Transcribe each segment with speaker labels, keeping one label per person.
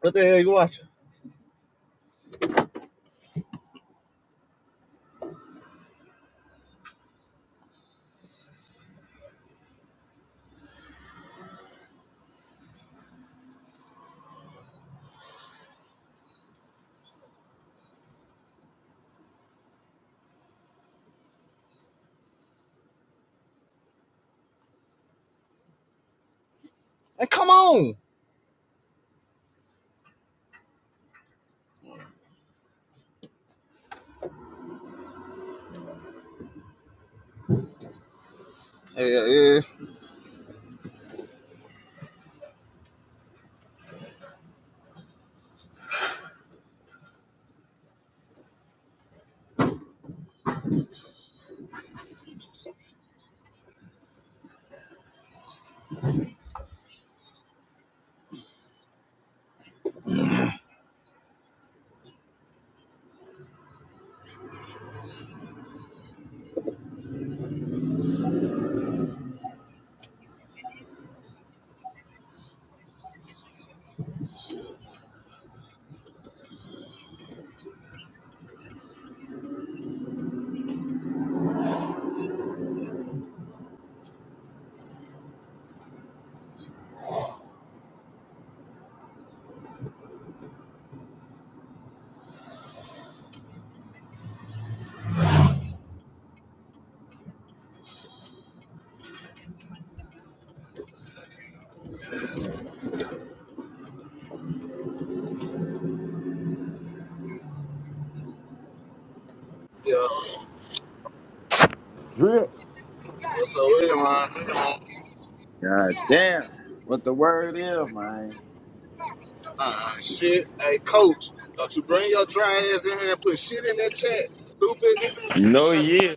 Speaker 1: What the hell you watching? Hey, come on. Hey, Yeah, yeah. Yeah.
Speaker 2: Drip.
Speaker 1: What's up with it, man?
Speaker 2: God damn. What the word is, man.
Speaker 1: Ah, shit. Hey, coach, don't you bring your dry ass in here and put shit in that chat, stupid.
Speaker 2: You know
Speaker 1: I,
Speaker 2: he
Speaker 1: I
Speaker 2: is.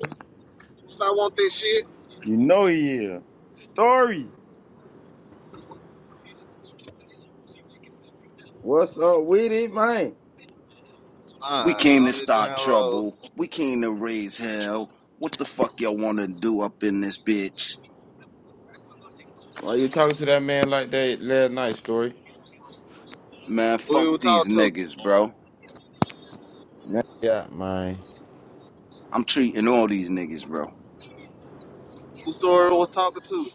Speaker 1: want this shit.
Speaker 2: You know he is. Story. What's up with it, man?
Speaker 3: We came
Speaker 1: Ah,
Speaker 3: to
Speaker 1: on this
Speaker 3: start
Speaker 1: damn road.
Speaker 3: trouble. We came to raise hell. What the fuck y'all wanna do up in this bitch?
Speaker 2: Why you talking to that man like that last night, Story?
Speaker 3: Man,
Speaker 1: Who
Speaker 3: fuck
Speaker 1: you
Speaker 3: these
Speaker 1: talk to?
Speaker 3: niggas, bro.
Speaker 2: Nah, Yeah, man.
Speaker 3: I'm treating all these niggas, bro.
Speaker 1: Who story was talking to?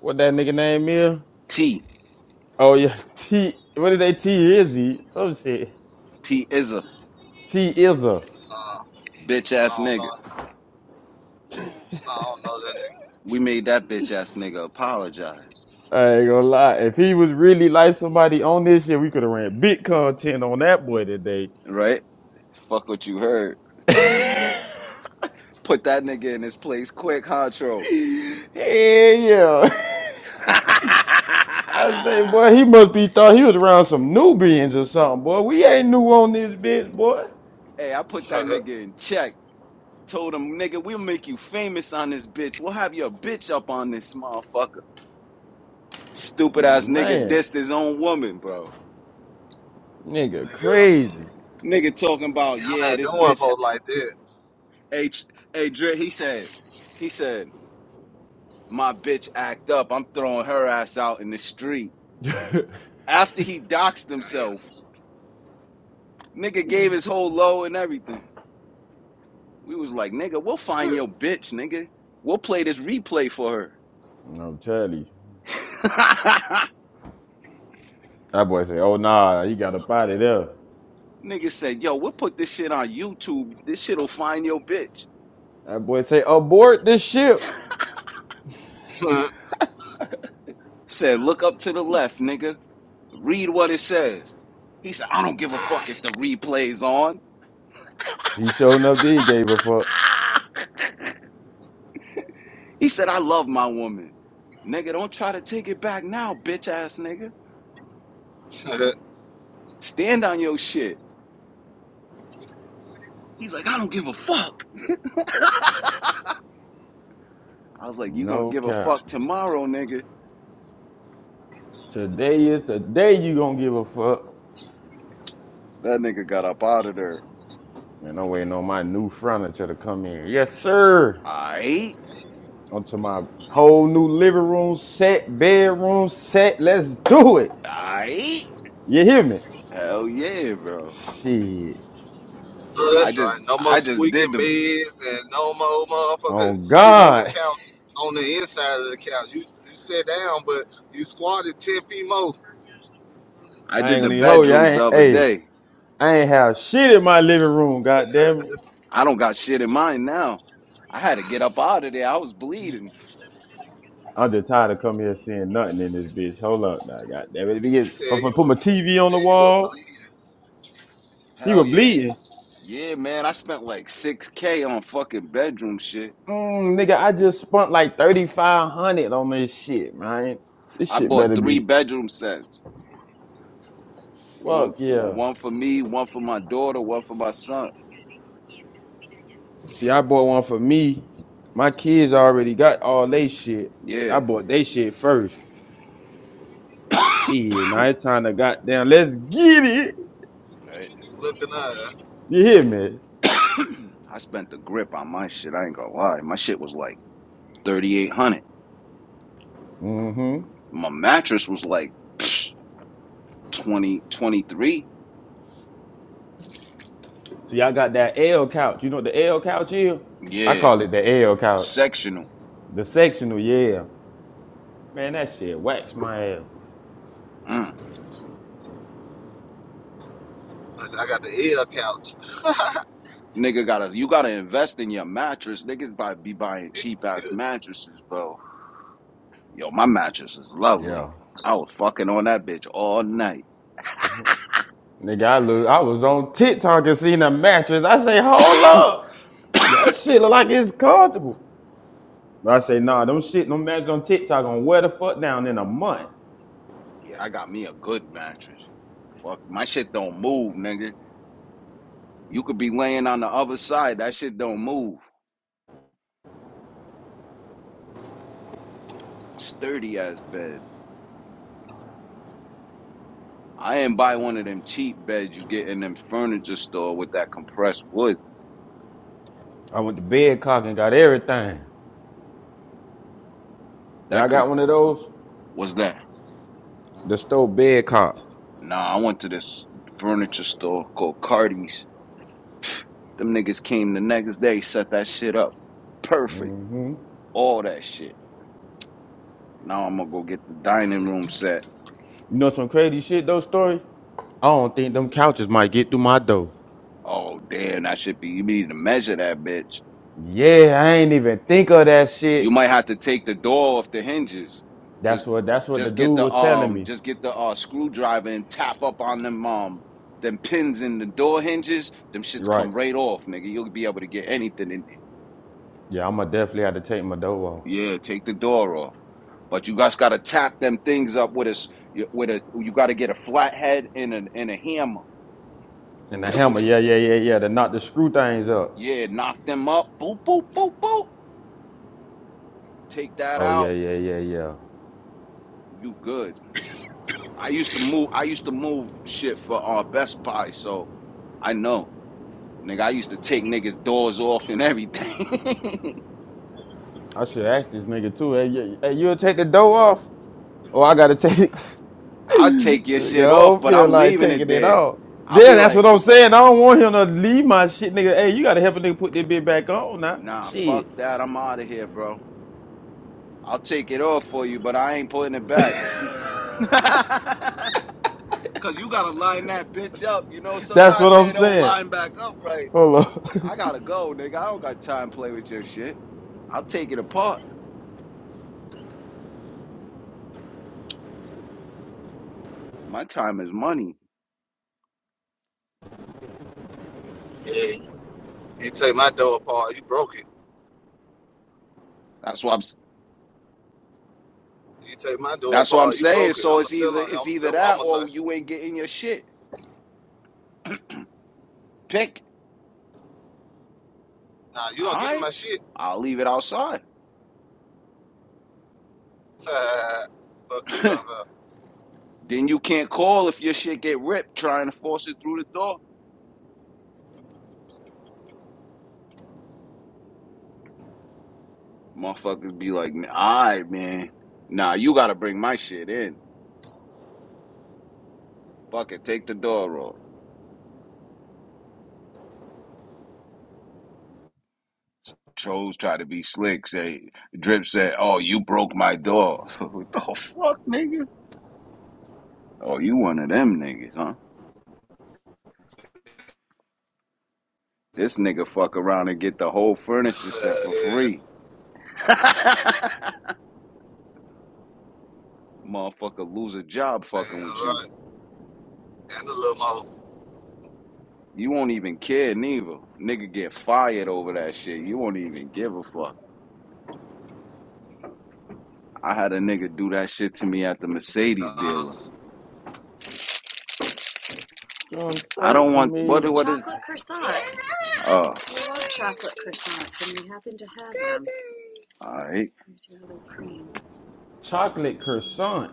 Speaker 2: What that nigga name is?
Speaker 3: T,
Speaker 2: Oh yeah, T. What did they T Izzy? Some shit.
Speaker 3: T is a
Speaker 2: T Izza.
Speaker 1: Uh, I
Speaker 3: bitch ass
Speaker 1: don't know.
Speaker 3: nigga.
Speaker 1: I don't know that
Speaker 3: We made that bitch ass nigga apologize,
Speaker 2: I ain't gonna lie. If he was really like somebody on this shit, we could have ran big content on that boy today.
Speaker 3: right? Fuck what you heard. Put that nigga in his place quick, Hotro.
Speaker 2: Hell yeah. I say, boy, he must be thought he was around some Nubians or something, boy. We ain't new on this bitch, boy.
Speaker 3: hey, I put that
Speaker 1: nigga.
Speaker 3: nigga in check. Told him, nigga, we'll make you famous on this bitch. We'll have your bitch up on this motherfucker. Stupid ass nigga
Speaker 2: Man,
Speaker 3: dissed his own woman, bro.
Speaker 2: nigga,
Speaker 1: Yeah,
Speaker 2: crazy.
Speaker 3: Nigga talking about,
Speaker 1: Y'all
Speaker 3: yeah,
Speaker 1: not
Speaker 3: this
Speaker 1: doing
Speaker 3: bitch
Speaker 1: folks like that.
Speaker 3: H, a Dre, he said, he said, my bitch act up. I'm throwing her ass out in the street.
Speaker 2: I'm
Speaker 3: After he doxed
Speaker 1: Damn.
Speaker 3: himself, nigga gave his whole low and everything. We was like, nigga, we'll find your bitch, nigga. We'll play this replay for
Speaker 2: telling you.
Speaker 3: her.
Speaker 2: That boy say, oh nah, you got a body there.
Speaker 3: Nigga said, yo, we'll put this shit on YouTube. This shit'll find your bitch.
Speaker 2: That boy say, abort this ship.
Speaker 3: Said, look up to the left, nigga. Read what it says. He said, I don't give a fuck if the replay's on.
Speaker 2: He showed enough did gave a fuck.
Speaker 3: he said, I love my woman. Nigga, don't try to take it back now, bitch ass nigga.
Speaker 1: oh,
Speaker 3: Stand on your shit. He's like, I don't give a fuck. I was like, you gonna
Speaker 2: No
Speaker 3: give a
Speaker 2: count.
Speaker 3: fuck tomorrow, nigga.
Speaker 2: Today is the day you gonna give a fuck.
Speaker 3: That nigga got up out of there.
Speaker 2: Man, I'm waiting on my new furniture to come in. Yes, sir.
Speaker 3: Aight,
Speaker 2: Onto my whole new living room set, bedroom set. Let's do it.
Speaker 3: aight.
Speaker 2: You hear me?
Speaker 3: Hell yeah, bro.
Speaker 2: Shit.
Speaker 3: I
Speaker 1: that's
Speaker 3: just
Speaker 1: right. No more
Speaker 3: I just did
Speaker 1: squeaking
Speaker 3: the
Speaker 1: beds and no more
Speaker 2: Oh
Speaker 1: motherfuckers sitting in the
Speaker 2: God.
Speaker 1: couch on the inside of the couch. You you sat down, but you squatted ten feet more.
Speaker 3: I
Speaker 2: I ain't
Speaker 3: did the
Speaker 2: gonna even hold you. I
Speaker 3: bedrooms the
Speaker 2: ain't
Speaker 3: other
Speaker 2: hey,
Speaker 3: day.
Speaker 2: I ain't have shit in my living room, god damn it.
Speaker 3: I don't got shit in mind now. I had to get up out of there. I was bleeding.
Speaker 2: I'm just tired of coming here seeing nothing in this bitch. Hold up now, god damn it. Nigga,
Speaker 1: He said
Speaker 2: if I
Speaker 1: you
Speaker 2: put my
Speaker 1: were he
Speaker 2: TV on the
Speaker 1: said you were
Speaker 2: wall,
Speaker 1: bleeding.
Speaker 2: he
Speaker 3: Hell
Speaker 2: was
Speaker 3: yeah.
Speaker 2: bleeding.
Speaker 3: Yeah, man. I spent like 6K on fucking bedroom shit.
Speaker 2: Mm, nigga, I just spent like 3500 on this shit, man. This
Speaker 3: I
Speaker 2: shit
Speaker 3: bought
Speaker 2: better
Speaker 3: three
Speaker 2: be
Speaker 3: bedroom sets. One
Speaker 2: fuck yeah.
Speaker 3: one for me, one for my daughter, one for my son.
Speaker 2: See, I bought one for me. My kids already got all they shit.
Speaker 3: Yeah.
Speaker 2: I bought they shit first. Shit, now it's time to goddamn let's get it.
Speaker 3: Right.
Speaker 1: You looking up.
Speaker 2: You hear me?
Speaker 3: I spent the grip on my shit. I ain't gonna lie. My shit was like 3800.
Speaker 2: Mm-hmm.
Speaker 3: My mattress was like twenty twenty three.
Speaker 2: See, I got that L couch. You know what the L couch is? I
Speaker 3: Yeah.
Speaker 2: call it the L couch.
Speaker 3: Sectional.
Speaker 2: The sectional, yeah. Man, that shit wax my ass.
Speaker 3: Mm.
Speaker 1: I said I got the L couch.
Speaker 3: Nigga gotta you gotta invest in your mattress. Niggas by be buying
Speaker 1: You,
Speaker 3: cheap ass
Speaker 1: you,
Speaker 3: mattresses, bro. Yo, my mattress is lovely.
Speaker 2: Yeah.
Speaker 3: I was fucking on that bitch all night.
Speaker 2: Nigga, I look, I was on TikTok and seen a mattress. I say, hold
Speaker 3: yeah,
Speaker 2: up. That shit look like it's comfortable. I say, nah, them shit, them mattress on TikTok on wear the fuck down in a month.
Speaker 3: I got me a good mattress. Fuck my shit don't move, nigga. You could be laying on the other side. That shit don't move. Sturdy ass bed. I ain't buy one of them cheap beds you get in them furniture store with that compressed wood.
Speaker 2: I went to bed cock and got everything.
Speaker 3: That
Speaker 2: Y'all
Speaker 3: com
Speaker 2: got one of those?
Speaker 3: was that.
Speaker 2: The store bed
Speaker 3: Nah, I went to this furniture store called Cardi's Them niggas came the next day, set that shit up. Perfect.
Speaker 2: hmm
Speaker 3: All that shit. Now I'm gonna go get the dining room set.
Speaker 2: You know some crazy shit though, story? I don't think them couches might get through my door.
Speaker 3: Oh damn, that should be you need to measure that bitch.
Speaker 2: Yeah, I ain't even think of that shit.
Speaker 3: You might have to take the door off the hinges.
Speaker 2: That's
Speaker 3: Just
Speaker 2: what that's what the
Speaker 3: just get
Speaker 2: dude
Speaker 3: the
Speaker 2: was telling
Speaker 3: um
Speaker 2: me.
Speaker 3: just get the uh screwdriver and tap up on them um them pins in the door hinges. Them
Speaker 2: You're
Speaker 3: shits
Speaker 2: Right.
Speaker 3: come right off, nigga. You'll be able to get anything in there.
Speaker 2: Yeah, I'ma definitely have to take my door off.
Speaker 3: Yeah, take the door off. But you guys got to tap them things up with a s- y- with a. You got to get a flat head and a and a hammer.
Speaker 2: And the hammer, yeah, yeah, yeah, yeah. To knock the screw things up.
Speaker 3: Yeah, knock them up. Boop boop boop boop. Take that
Speaker 2: Oh yeah,
Speaker 3: out.
Speaker 2: yeah, yeah, yeah.
Speaker 3: You good. I used to move. I used to move shit for uh Best Buy, so I know, nigga. I used to take niggas doors off and everything.
Speaker 2: I should ask this nigga too. Hey, you- hey you'll take the door off? Or I gotta take
Speaker 3: I'll take your shit
Speaker 2: I
Speaker 3: off,
Speaker 2: don't
Speaker 3: but
Speaker 2: feel
Speaker 3: I'm
Speaker 2: like
Speaker 3: leaving it
Speaker 2: taking it
Speaker 3: there.
Speaker 2: off.
Speaker 3: I'll
Speaker 2: Yeah,
Speaker 3: be
Speaker 2: that's what
Speaker 3: like,
Speaker 2: I'm saying. I don't want him to leave my shit, nigga. Hey, you gotta help a nigga put that bit back on now.
Speaker 3: nah,
Speaker 2: Shit.
Speaker 3: fuck that. I'm out of here, bro. I'll take it off for you, but I ain't putting it back. Cause you gotta line that bitch up. You know,
Speaker 2: That's what
Speaker 3: sometimes
Speaker 2: I'm
Speaker 3: they don't
Speaker 2: saying.
Speaker 3: line back up right.
Speaker 2: Hold on.
Speaker 3: I gotta go, nigga. I don't got time to play with your shit. I'll take it apart. My time is money.
Speaker 1: yeah. you take my door apart. You broke it.
Speaker 3: That's what I'm. s-
Speaker 1: You take my door
Speaker 3: That's what I'm
Speaker 1: apart. You
Speaker 3: saying.
Speaker 1: broke it.
Speaker 3: So
Speaker 1: I'm
Speaker 3: it's
Speaker 1: gonna tell
Speaker 3: either
Speaker 1: on you.
Speaker 3: it's
Speaker 1: I'm,
Speaker 3: either
Speaker 1: that's what I'm
Speaker 3: that
Speaker 1: gonna
Speaker 3: or
Speaker 1: say.
Speaker 3: you ain't getting your shit. Pick.
Speaker 1: Nah, you gonna
Speaker 3: All
Speaker 1: get
Speaker 3: right.
Speaker 1: my shit.
Speaker 3: I'll leave it outside.
Speaker 1: Fuck you talking about.
Speaker 3: then you can't call if your shit get ripped trying to force it through the door. Motherfuckers be like, all right, man. Nah, you gotta bring my shit in. Fuck it. Take the door off. Trolls try to be slick. Say Drip said, "Oh, you broke my door." what the fuck, nigga? Oh, you one of them niggas, huh? This nigga fuck around and get the whole furniture
Speaker 1: yeah,
Speaker 3: set for
Speaker 1: yeah,
Speaker 3: free. Motherfucker lose a job
Speaker 1: yeah,
Speaker 3: fucking with you.
Speaker 1: right. And the little mother.
Speaker 3: You won't even care neither. Nigga get fired over that shit. You won't even give a fuck. I had a nigga do that shit to me at the Mercedes
Speaker 1: Uh,
Speaker 3: dealer.
Speaker 2: Gonna
Speaker 3: I
Speaker 2: hurt
Speaker 3: don't
Speaker 2: for
Speaker 3: want what It's a
Speaker 2: me.
Speaker 3: what is chocolate croissant. oh We love chocolate croissants, and we happen to have them. All right. Where's your other cream?
Speaker 2: Chocolate croissant.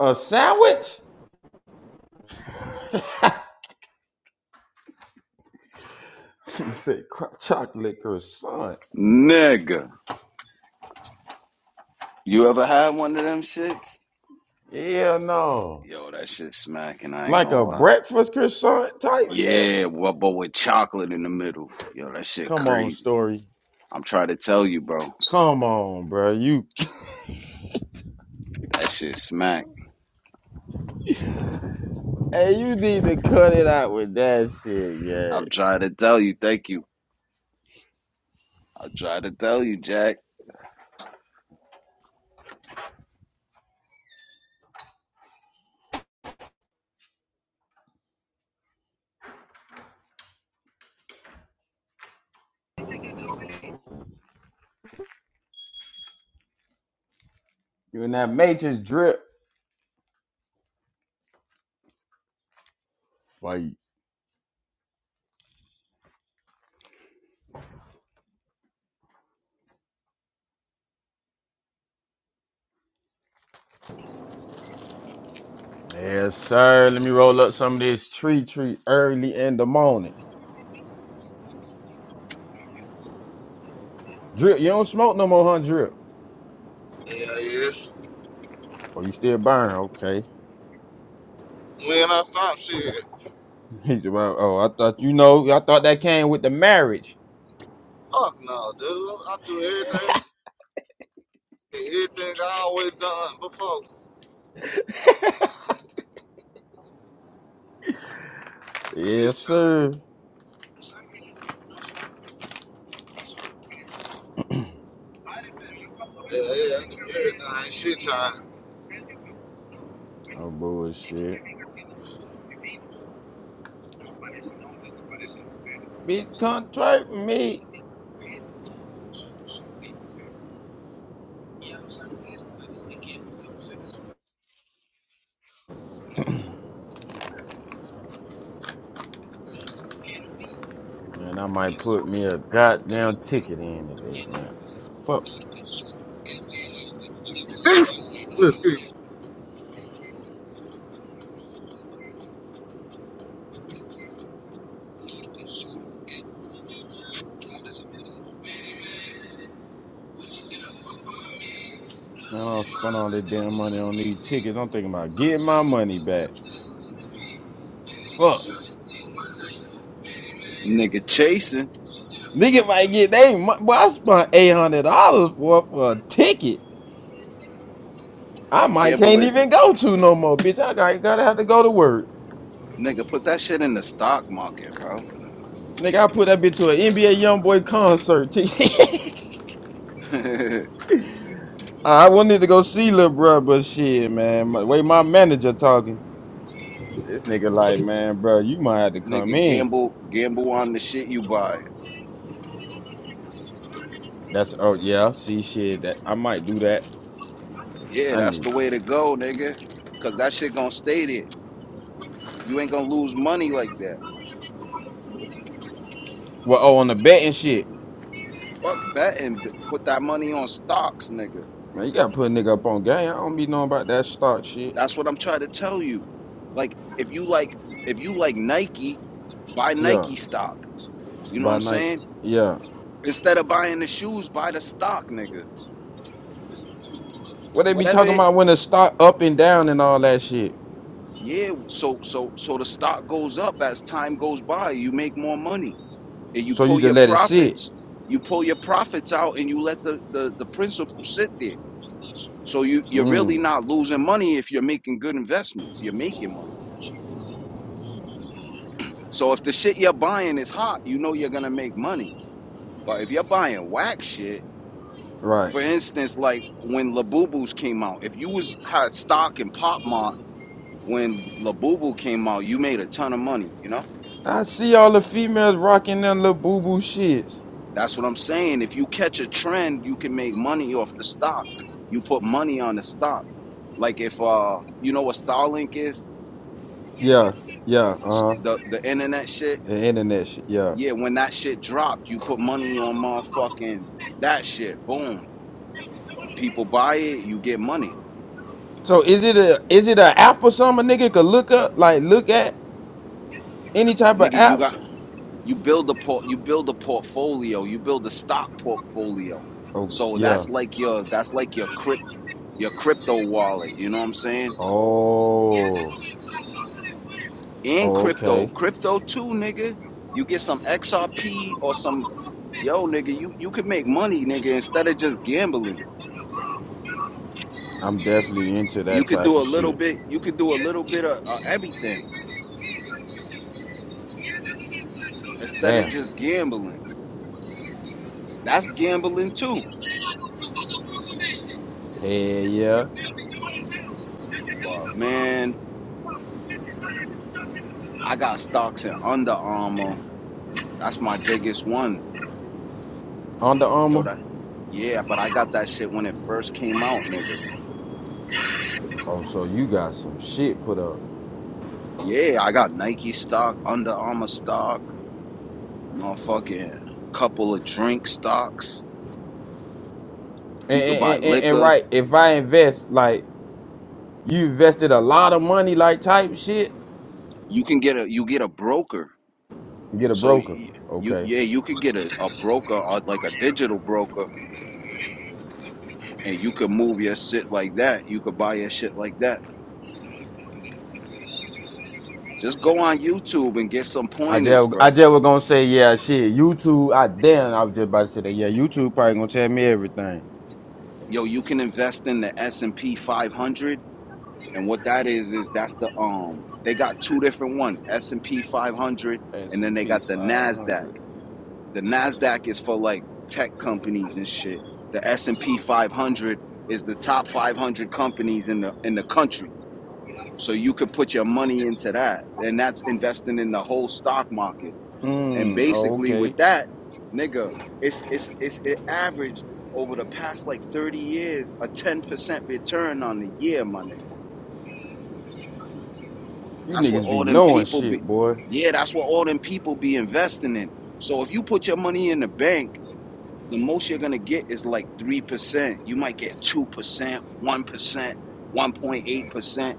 Speaker 2: A sandwich? He said cro- chocolate croissant.
Speaker 3: Nigga. You ever had one of them shits?
Speaker 2: Yeah, no.
Speaker 3: Yo, that shit smacking, I ain't
Speaker 2: Like
Speaker 3: gonna
Speaker 2: a
Speaker 3: lie.
Speaker 2: breakfast croissant type
Speaker 3: What?
Speaker 2: shit?
Speaker 3: Yeah, well, but with chocolate in the middle. Yo, that shit
Speaker 2: Come on,
Speaker 3: crazy.
Speaker 2: story.
Speaker 3: I'm trying to tell you, bro.
Speaker 2: Come on, bro. You
Speaker 3: That shit smack.
Speaker 2: hey, you need to cut it out with that shit, yeah.
Speaker 3: I'm trying to tell you, thank you. I'm trying to tell you, Jack.
Speaker 2: You in that matrix drip fight. Yes, sir. Let me roll up some of this tree tree early in the morning. Drip, you don't smoke no more, huh? Drip.
Speaker 1: yeah, yeah.
Speaker 2: Oh, you still burn? Okay.
Speaker 1: When I stop, shit.
Speaker 2: He's about. Oh, I thought you know. I thought that came with the marriage.
Speaker 1: Fuck no, dude. I do everything, everything I always done before. Shit,
Speaker 2: Yes,
Speaker 1: child.
Speaker 2: sir.
Speaker 1: Yeah, yeah. I do everything. I ain't shit, child.
Speaker 2: Oh bullshit. Bitch, come twerk me. Man, I might put me a goddamn ticket in today, man. Fuck.
Speaker 1: Excuse
Speaker 2: Man, I don't spend all that damn money on these tickets. I'm thinking about getting my money back. Fuck.
Speaker 3: Nigga chasing.
Speaker 2: Nigga might get they. mu- Boy, I spent eight hundred dollars for for a ticket. I
Speaker 3: You
Speaker 2: might can't
Speaker 3: gambling.
Speaker 2: even go to no more, bitch. I gotta, gotta have to go to work.
Speaker 3: Nigga, put that shit in the stock market, bro.
Speaker 2: Nigga, I put that bitch to an NBA YoungBoy concert ticket. I wanted to go see little bro, but shit, man. My, way my manager talking, this nigga like, man, bro, you might have to come
Speaker 3: Nigga,
Speaker 2: in.
Speaker 3: gamble gamble on the shit you buy.
Speaker 2: That's oh yeah, see shit that I might do that.
Speaker 3: Yeah,
Speaker 2: I
Speaker 3: that's
Speaker 2: need.
Speaker 3: the
Speaker 2: to.
Speaker 3: way to go, nigga. Cause that shit gonna stay there. You ain't gonna lose money like that.
Speaker 2: Well, oh on the betting shit,
Speaker 3: Fuck betting. Put that money on stocks, nigga.
Speaker 2: man, you gotta put a nigga up on game. I don't be knowing about that stock shit.
Speaker 3: That's what I'm trying to tell you. Like, if you like, if you like Nike, buy
Speaker 2: Yeah.
Speaker 3: Nike stock. You know what
Speaker 2: by
Speaker 3: I'm
Speaker 2: Nike.
Speaker 3: saying?
Speaker 2: Yeah.
Speaker 3: Instead of buying the shoes, buy the stock, nigga.
Speaker 2: What they be
Speaker 3: Whatever
Speaker 2: talking
Speaker 3: it.
Speaker 2: about when the stock up and down and all that shit.
Speaker 3: Yeah. So so so the stock goes up as time goes by. You make more money, and you
Speaker 2: So you
Speaker 3: pull
Speaker 2: just
Speaker 3: your
Speaker 2: let it sit.
Speaker 3: profits. You pull your profits out, and you let the the, the principal sit there So you you're really
Speaker 2: Mm.
Speaker 3: not losing money if you're making good investments. You're making money. So if the shit you're buying is hot, you know you're gonna make money. But if you're buying whack shit,
Speaker 2: Right.
Speaker 3: for instance, like when Labubu's came out, if you was had stock in Pop Mart when Labubu came out, you made a ton of money. You know
Speaker 2: I see all the females rocking them little boo boo shits.
Speaker 3: that's what I'm saying. If you catch a trend, you can make money off the stock. You put money on the stock. Like if uh, you know what Starlink is,
Speaker 2: Yeah. Yeah. Uh huh.
Speaker 3: the the internet shit
Speaker 2: The internet shit. Yeah.
Speaker 3: Yeah, when that shit dropped, you put money on motherfucking that shit. Boom. People buy it, you get money.
Speaker 2: So is it a is it a app or something a nigga could look up like look at any type of
Speaker 3: Nigga, you
Speaker 2: apps?
Speaker 3: got you build a port you build a portfolio, you build a stock portfolio.
Speaker 2: Oh
Speaker 3: So
Speaker 2: yeah.
Speaker 3: that's like your that's like your crypt your crypto wallet, you know what I'm saying?
Speaker 2: Oh.
Speaker 3: And
Speaker 2: oh
Speaker 3: crypto.
Speaker 2: okay.
Speaker 3: Crypto too, nigga. You get some XRP or some yo nigga, you you could make money, nigga, instead of just gambling.
Speaker 2: I'm definitely into
Speaker 3: You
Speaker 2: that
Speaker 3: could
Speaker 2: type
Speaker 3: do a
Speaker 2: of
Speaker 3: little
Speaker 2: shit.
Speaker 3: bit, you could do a little bit of, of everything. instead of
Speaker 2: Damn.
Speaker 3: just gambling. That's gambling too.
Speaker 2: Hell yeah.
Speaker 3: But man, I got stocks in Under Armour. That's my biggest one.
Speaker 2: Under
Speaker 3: Yo,
Speaker 2: Armour.
Speaker 3: that yeah, but I got that shit when it first came out, nigga.
Speaker 2: Oh, so you got some shit put up.
Speaker 3: Yeah, I got Nike stock, Under Armour stock, motherfucking couple of drink stocks.
Speaker 2: And,
Speaker 3: You
Speaker 2: and,
Speaker 3: could buy
Speaker 2: and, and-
Speaker 3: liquor.
Speaker 2: right, if I invest, like you invested a lot of money, like type shit,
Speaker 3: You can get a you get a broker.
Speaker 2: get a
Speaker 3: So
Speaker 2: broker.
Speaker 3: you, you
Speaker 2: Okay.
Speaker 3: yeah, you could get a, a broker or like a digital broker and you could move your shit like that. You could buy your shit like that Just go on YouTube and get some
Speaker 2: I
Speaker 3: pointers,
Speaker 2: just I
Speaker 3: bro.
Speaker 2: just was gonna say, yeah, shit. YouTube, I damn, I was just about to say that. Yeah, YouTube probably gonna tell me everything.
Speaker 3: Yo, you can invest in the S&P 500 and what that is is that's the um they got two different ones, S&P 500
Speaker 2: S
Speaker 3: and then
Speaker 2: and
Speaker 3: they
Speaker 2: P
Speaker 3: got the
Speaker 2: five
Speaker 3: Nasdaq.
Speaker 2: hundred.
Speaker 3: The Nasdaq is for like tech companies and shit. The S&P 500 is the top 500 companies in the in the country. So you could put your money into that and that's investing in the whole stock market. And
Speaker 2: Mm, oh,
Speaker 3: basically
Speaker 2: okay.
Speaker 3: with that, nigga, it's it's it's it averaged over the past like 30 years a 10% return on the year, my nigga.
Speaker 2: You
Speaker 3: That's what
Speaker 2: niggas be
Speaker 3: all them
Speaker 2: knowing
Speaker 3: people be
Speaker 2: shit, boy.
Speaker 3: Yeah, that's what all them people be investing in. So if you put your money in the bank, the most you're gonna get is like 3%. You might get 2%, 1%, 1.8%.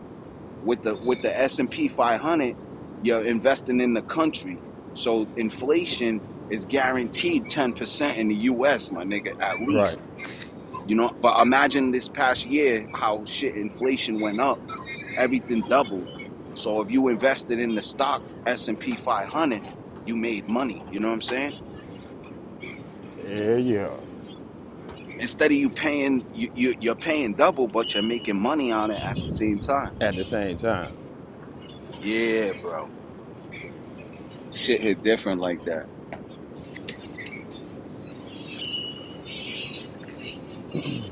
Speaker 3: with the with the S&P 500 you're investing in the country so inflation is guaranteed 10% in the US my nigga at
Speaker 2: Right.
Speaker 3: least you know but imagine this past year how shit inflation went up everything doubled so if you invested in the stock S&P 500 you made money you know what I'm saying
Speaker 2: Yeah, yeah.
Speaker 3: instead of you paying you, you you're paying double but you're making money on it at the same time
Speaker 2: At the same time.
Speaker 3: yeah bro shit hit different like that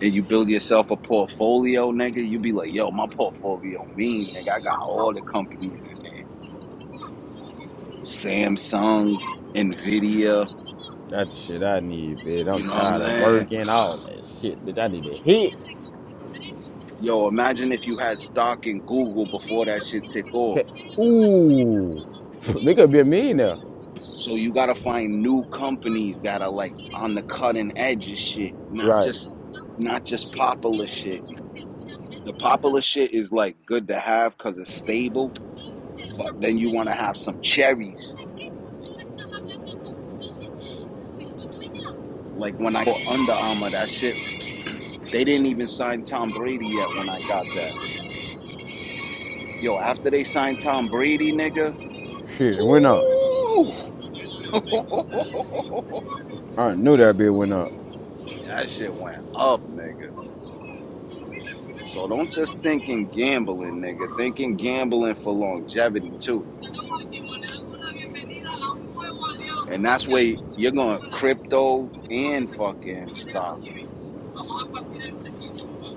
Speaker 3: and you build yourself a portfolio, nigga, you be like, yo, my portfolio mean, nigga. I got all the companies in there. Samsung, Nvidia,
Speaker 2: That's the shit I need, bitch. I'm
Speaker 3: you know what I'm
Speaker 2: tired of
Speaker 3: saying?
Speaker 2: working, all that shit, bitch. I need a hit.
Speaker 3: Yo, imagine if you had stock in Google before that shit took off.
Speaker 2: Okay. Ooh, they could be a millionaire.
Speaker 3: So you gotta find new companies that are like on the cutting edge of shit, not
Speaker 2: Right.
Speaker 3: just not just popular shit. The popular shit is like good to have because it's stable, but then you wanna have some cherries. Like when I bought Under Armour, that shit They didn't even sign Tom Brady yet when I got that. Yo, after they signed Tom Brady, nigga,
Speaker 2: Shit, it went up.
Speaker 3: ooh, that
Speaker 2: I knew that bit went up.
Speaker 3: shit went up, nigga. So don't just think in gambling, nigga. Think in gambling for longevity too. And that's where you're going to crypto and fucking stock,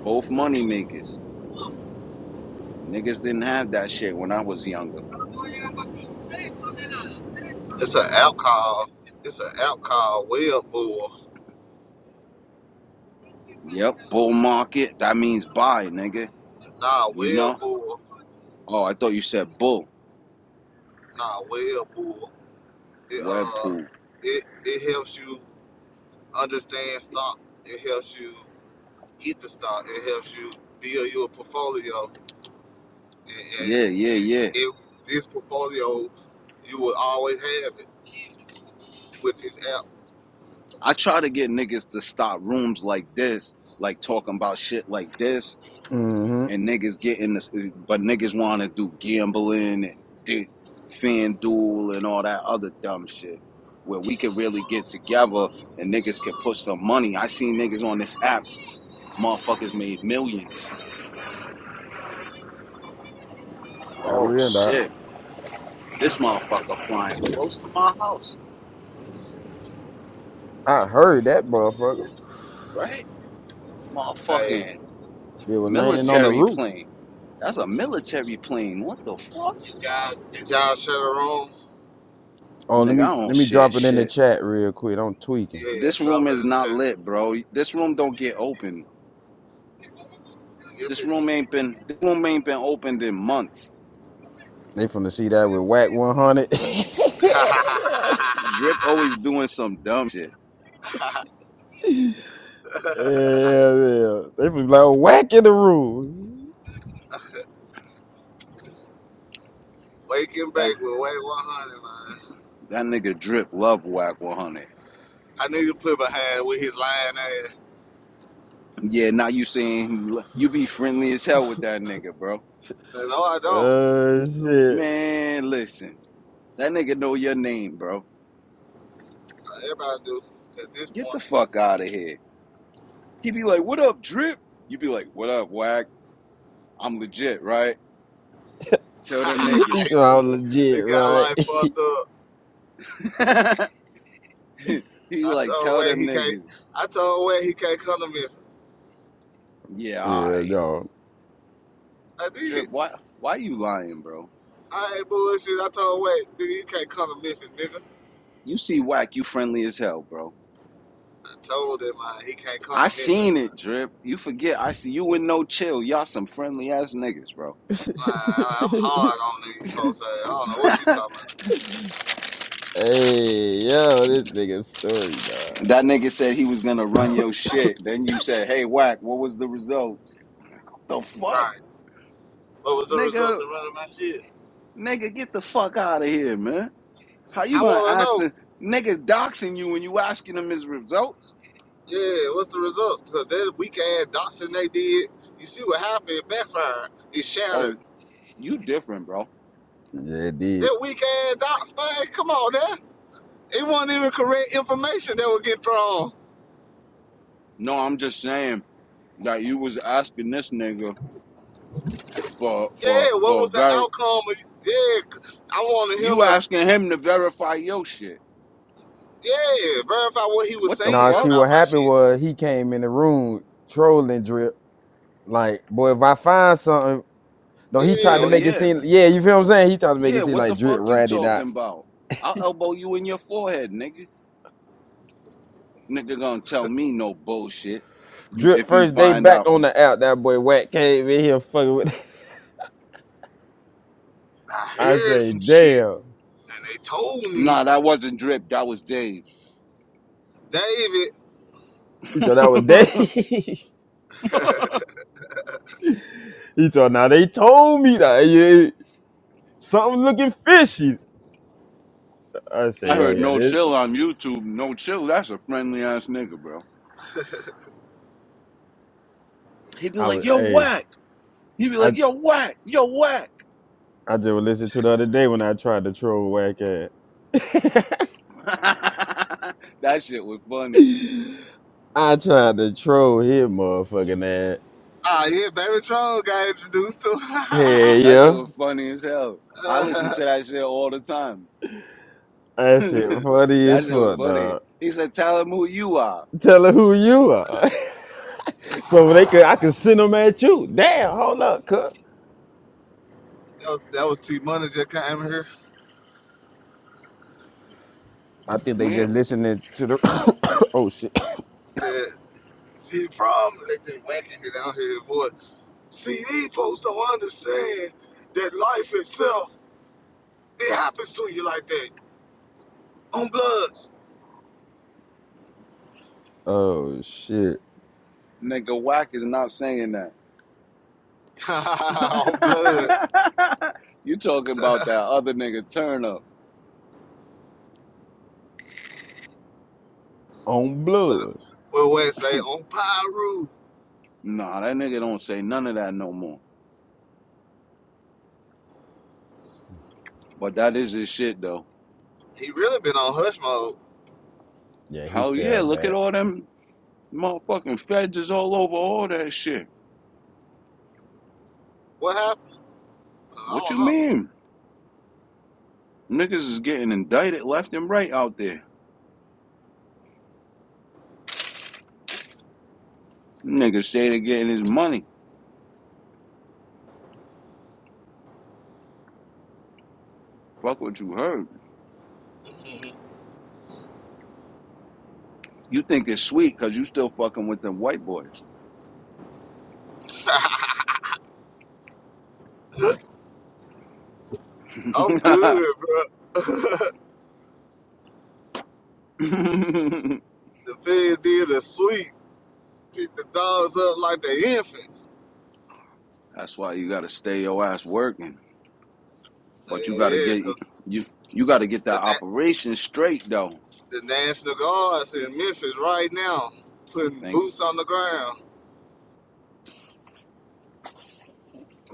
Speaker 3: both money makers.
Speaker 1: me.
Speaker 3: Niggas didn't have that shit when I was younger.
Speaker 1: It's an alcohol. It's an alcohol well bull.
Speaker 3: Yep, bull market. That means buy, nigga.
Speaker 1: Nah,
Speaker 3: You
Speaker 1: well
Speaker 3: know?
Speaker 1: bull.
Speaker 3: Oh, I thought you said bull.
Speaker 1: Nah, well bull. It
Speaker 3: Web
Speaker 1: uh,
Speaker 3: pool.
Speaker 1: it it helps you understand stock. It helps you get the stock. It helps you build your portfolio. And and,
Speaker 3: Yeah, yeah,
Speaker 1: and
Speaker 3: yeah.
Speaker 1: if this portfolio, you will always have it with this app.
Speaker 3: I try to get niggas to stop rooms like this, like talking about shit like this,
Speaker 2: Mm-hmm.
Speaker 3: and niggas getting this, but niggas want to do gambling and do FanDuel and all that other dumb shit, where we could really get together and niggas could put some money. I seen niggas on this app, motherfuckers made millions.
Speaker 2: That
Speaker 3: Oh
Speaker 2: real dog.
Speaker 3: shit, this motherfucker flying close to my house,
Speaker 2: I heard that motherfucker.
Speaker 3: right?
Speaker 1: Hey,
Speaker 3: Motherfucking
Speaker 2: They were
Speaker 1: you
Speaker 2: landing
Speaker 1: see
Speaker 2: on the
Speaker 1: the
Speaker 3: military
Speaker 2: roof.
Speaker 3: plane. That's a military plane. What the fuck?
Speaker 1: Did y'all, did y'all share the room?
Speaker 2: Oh, let
Speaker 3: Nigga,
Speaker 2: me
Speaker 3: I
Speaker 2: let
Speaker 3: don't
Speaker 2: me
Speaker 3: shit
Speaker 2: drop it in the
Speaker 3: shit.
Speaker 2: chat real quick. I'm tweaking.
Speaker 1: Yeah,
Speaker 3: This
Speaker 1: drop
Speaker 3: room
Speaker 1: it
Speaker 3: is
Speaker 1: in the
Speaker 3: not
Speaker 1: chat.
Speaker 3: lit, bro. This room don't get open.
Speaker 1: Yes,
Speaker 3: This
Speaker 1: it
Speaker 3: room
Speaker 1: did.
Speaker 3: ain't been this room ain't been opened in months.
Speaker 2: They finna see that with whack 100. yeah,
Speaker 3: Drip always doing some dumb shit.
Speaker 2: yeah. They finna be like, oh, whack in the roof.
Speaker 1: Wake and
Speaker 3: That
Speaker 1: bake with Way 100, man.
Speaker 3: that nigga Drip love whack 100.
Speaker 1: I need to put behind with his lying ass.
Speaker 3: Yeah, now you saying you be friendly as hell with that nigga, bro.
Speaker 1: No, I don't.
Speaker 2: Uh, shit.
Speaker 3: Man, listen. That nigga know your name, bro.
Speaker 1: Everybody do at this
Speaker 3: Get the
Speaker 1: point.
Speaker 3: fuck out of here. He be like, "What up, Drip?" You be like, "What up, whack? I'm legit, right?" Tell them
Speaker 2: Each
Speaker 3: niggas.
Speaker 2: one
Speaker 1: he
Speaker 2: legit,
Speaker 1: got
Speaker 2: right?
Speaker 1: life fucked up.
Speaker 3: He
Speaker 1: I
Speaker 3: like
Speaker 1: told
Speaker 3: tell
Speaker 1: Way
Speaker 3: them
Speaker 1: he can't.
Speaker 3: niggas,
Speaker 1: I told Way he can't come to Memphis.
Speaker 3: yeah,
Speaker 2: Yeah,
Speaker 3: I
Speaker 1: I
Speaker 3: drip.
Speaker 1: did.
Speaker 3: Why why you lying, bro?
Speaker 1: I ain't bullshit. I told Way, nigga, you can't come to Memphis, nigga.
Speaker 3: You see whack, you friendly as hell, bro.
Speaker 1: I told him, man, he can't come
Speaker 3: I
Speaker 1: to Memphis,
Speaker 3: seen it, drip. You forget, I see you in no chill. Y'all some friendly ass niggas, bro.
Speaker 1: Nah, I'm
Speaker 2: y'all.
Speaker 1: hard on these folks. Say, I don't know what you talking about.
Speaker 2: Hey, yo, this nigga story, dog.
Speaker 3: That nigga said he was gonna run your shit. Then you said, hey, whack, what was the results? The fuck,
Speaker 1: Right. What was the
Speaker 3: nigga,
Speaker 1: results in running my shit?
Speaker 3: nigga, get the fuck out of here, man. How you
Speaker 1: I
Speaker 3: gonna
Speaker 1: want to
Speaker 3: ask
Speaker 1: know,
Speaker 3: the niggas doxing you when you asking them his results?
Speaker 1: yeah, what's the results? Because that weak ass Dotson they did, you see what happened? It backfired. It shattered.
Speaker 3: Or you different, bro.
Speaker 2: Yeah, it did.
Speaker 1: That weak ass Dotson, man, come on, there. It wasn't even correct information that was getting thrown.
Speaker 3: No, I'm just saying. Now you was asking this nigga for for
Speaker 1: Yeah, what
Speaker 3: for
Speaker 1: was the
Speaker 3: ver
Speaker 1: outcome? of- Yeah, c- I wanted him
Speaker 3: you
Speaker 1: to,
Speaker 3: asking him to verify your shit.
Speaker 1: yeah, verify what he was
Speaker 3: What the
Speaker 2: Nah,
Speaker 1: saying
Speaker 2: see
Speaker 3: fuck?
Speaker 1: about
Speaker 2: what
Speaker 1: my
Speaker 2: happened
Speaker 1: shit.
Speaker 2: was he came in the room trolling drip. Like, boy, if I find something, no, he tried to
Speaker 3: Hell
Speaker 1: Yeah,
Speaker 2: make it
Speaker 3: yeah.
Speaker 2: seem. Yeah, you feel what I'm saying? He tried to make it
Speaker 3: Yeah,
Speaker 2: seem
Speaker 3: what the
Speaker 2: like drip
Speaker 3: fuck you
Speaker 2: ratted out.
Speaker 3: talking about? I'll elbow you in your forehead, nigga. Nigga gonna tell me no bullshit. You
Speaker 2: Drip
Speaker 3: if you
Speaker 2: first day
Speaker 3: find
Speaker 2: back
Speaker 3: out.
Speaker 2: on the app. That boy wack came in here fucking with.
Speaker 1: I
Speaker 2: I
Speaker 1: heard
Speaker 2: say,
Speaker 1: some shit,
Speaker 2: damn.
Speaker 1: and they told me,
Speaker 3: Nah, that wasn't drip, that was Dave.
Speaker 1: David.
Speaker 2: He thought that was day. he thought now they told me that yeah, yeah, yeah. something looking fishy. I
Speaker 3: I
Speaker 2: say, oh
Speaker 3: heard
Speaker 2: yeah,
Speaker 3: no
Speaker 2: this.
Speaker 3: chill on YouTube. No chill, that's a friendly ass nigga, bro. He'd be
Speaker 2: I was
Speaker 3: like, yo,
Speaker 2: hey.
Speaker 3: whack. He'd be
Speaker 2: I.
Speaker 3: like, yo, whack, yo, whack.
Speaker 2: I just listened to the other day when I tried to troll whack ass.
Speaker 3: that shit was funny.
Speaker 2: I tried to troll his motherfucking ass.
Speaker 1: Ah, yeah, Baby Troll got introduced to. uh,
Speaker 2: Hey,
Speaker 3: That shit
Speaker 2: yeah.
Speaker 3: was funny as hell. I listen to
Speaker 1: that
Speaker 3: that shit all the time.
Speaker 2: That shit funny as
Speaker 3: that shit was
Speaker 2: fuck,
Speaker 3: funny.
Speaker 2: dog.
Speaker 3: He said, "Tell him who you are."
Speaker 2: Tell her who you are. so they could I could send them at you. Damn, hold up, cuz.
Speaker 1: was that was T Money just came here.
Speaker 2: I think they
Speaker 3: Man,
Speaker 2: just listening to the Oh shit.
Speaker 1: That see the problem that they whacking it down here Boy, See, these folks don't understand that life itself it happens to you like that on Bloods,
Speaker 2: Oh shit.
Speaker 3: nigga, Wack is not saying that.
Speaker 1: on Bloods.
Speaker 3: you talking about that other nigga turn up?
Speaker 2: On
Speaker 1: But
Speaker 2: blues.
Speaker 1: but what it say on Pyru?
Speaker 3: Nah, that nigga don't say none of that no more. But that is his shit though.
Speaker 1: He really been on hush mode.
Speaker 2: Yeah, he
Speaker 3: Hell yeah!
Speaker 2: fell
Speaker 3: Look at
Speaker 2: back.
Speaker 3: all them motherfucking feds is all over all that shit.
Speaker 1: What happened?
Speaker 3: What you
Speaker 1: I
Speaker 3: mean? Niggas is getting indicted left and right out there. Niggas stayed to getting his money. Fuck what you heard.
Speaker 1: don't
Speaker 3: You think it's sweet because you still fucking with them white boys.
Speaker 1: know. I'm good, bro. the feds did a sweep. Pick the dogs up like the infants.
Speaker 3: That's why you gotta stay your ass working.
Speaker 1: Yeah,
Speaker 3: But you gotta
Speaker 1: yeah,
Speaker 3: get
Speaker 1: cause
Speaker 3: you you
Speaker 1: the
Speaker 3: gotta get
Speaker 1: the,
Speaker 3: that operation straight though.
Speaker 1: the National Guard's in Memphis right now, putting
Speaker 3: They
Speaker 1: boots on the ground.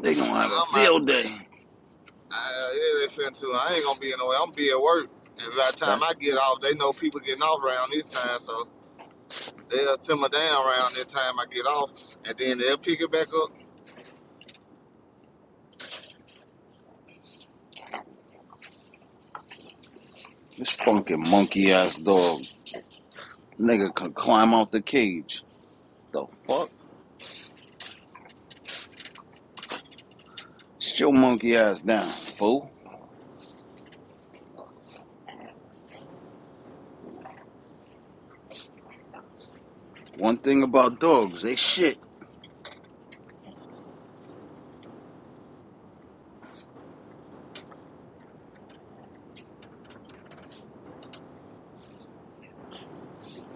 Speaker 3: they gonna have a
Speaker 1: I'm out.
Speaker 3: field day.
Speaker 1: I, yeah, they finna too. I ain't gonna be in the way. I'm gonna be at work, and by the
Speaker 3: That
Speaker 1: time I get off, they know people getting off around this time, so they'll simmer down around that time I get off, and then they'll pick it back up.
Speaker 3: this fucking monkey ass dog nigga can climb out the cage. The fuck? Sit your monkey ass down, fool. One thing about dogs, they shit.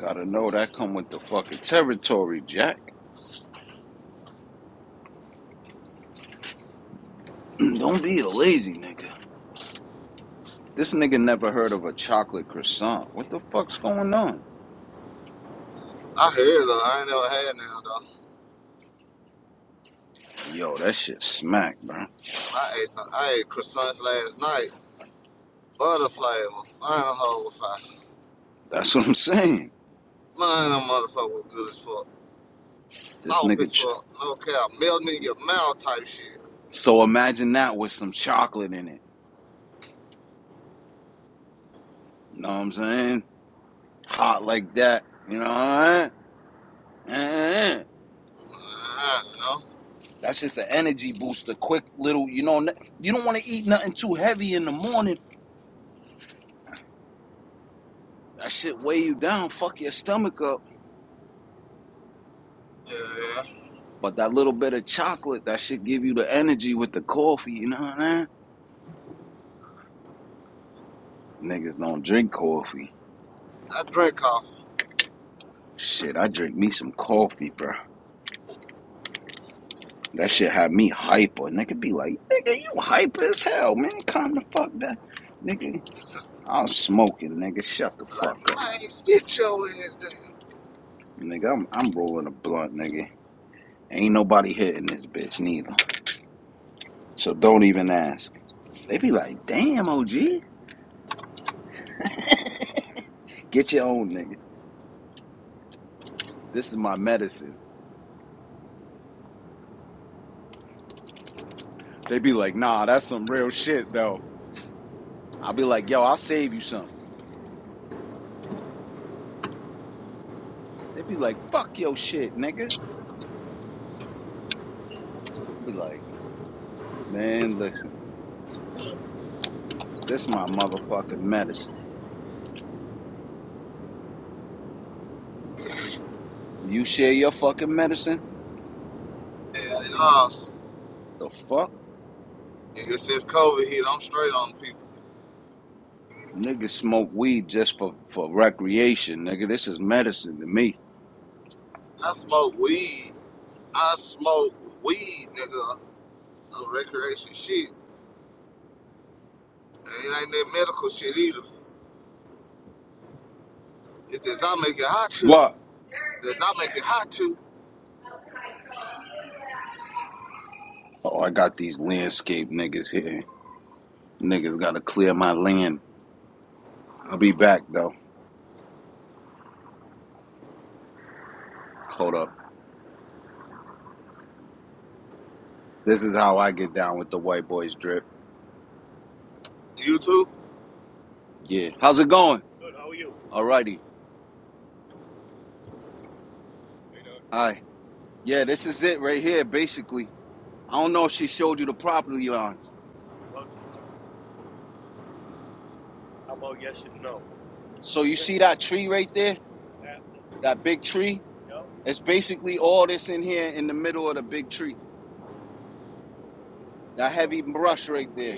Speaker 3: Gotta know that come with the fucking territory, Jack. Don't be a lazy nigga. This nigga never heard of a chocolate croissant. What the fuck's going on?
Speaker 1: I heard though. I ain't never had now though.
Speaker 3: Yo, that shit smack, bro.
Speaker 1: I ate I ate croissants last night. Butterfly, mine a whole fire.
Speaker 3: That's what I'm saying.
Speaker 1: Mine, them motherfucker was good as fuck.
Speaker 3: This
Speaker 1: Soft
Speaker 3: nigga.
Speaker 1: is for
Speaker 3: Ch-
Speaker 1: I don't care, melting in your mouth type shit.
Speaker 3: so imagine that with some chocolate in it. You know what I'm saying? Hot like that. You know what I mean?
Speaker 1: Uh, you know?
Speaker 3: That's just an energy booster. Quick little, you know, you don't want to eat nothing too heavy in the morning. That shit weigh you down, fuck your stomach up.
Speaker 1: Yeah, yeah.
Speaker 3: But that little bit of chocolate, that shit give you the energy with the coffee, you know what I mean? Niggas don't drink coffee.
Speaker 1: I drink coffee.
Speaker 3: Shit, I drink me some coffee, bro. That shit had me hyper. Nigga be like, nigga, you hyper as hell, man. Calm the fuck down. Nigga, I'm smoking, nigga. Shut the fuck
Speaker 1: like,
Speaker 3: up.
Speaker 1: man, sit your ass down.
Speaker 3: Nigga, I'm I'm rolling a blunt, nigga. Ain't nobody hitting this bitch neither. So don't even ask. They be like, damn, OG. Get your own nigga. This is my medicine. They be like, nah, that's some real shit though. I'll be like, yo, I'll save you some. They be like, fuck your shit, nigga. I'll be like, Man, listen. This is my motherfucking medicine. You share your fucking medicine?
Speaker 1: Yeah, and, uh,
Speaker 3: The fuck?
Speaker 1: ever since COVID hit, I'm straight on people.
Speaker 3: Niggas smoke weed just for, for recreation, nigga. This is medicine to me.
Speaker 1: I smoke weed. I smoke weed, nigga. No recreation shit. And it ain't that medical shit either. It's this I make it hot too.
Speaker 3: What?
Speaker 1: This I make it hot too.
Speaker 3: Oh, I got these landscape niggas here. Niggas gotta clear my land. I'll be back though. Hold up. This is how I get down with the white boys drip.
Speaker 1: You too?
Speaker 3: Yeah. How's it going? Alrighty. Hi. Yeah, this is it right here, basically. I don't know if she showed you the property lines. So you see that tree right there? That big tree? It's basically all this in here in the middle of the big tree. That Oh, heavy brush right there.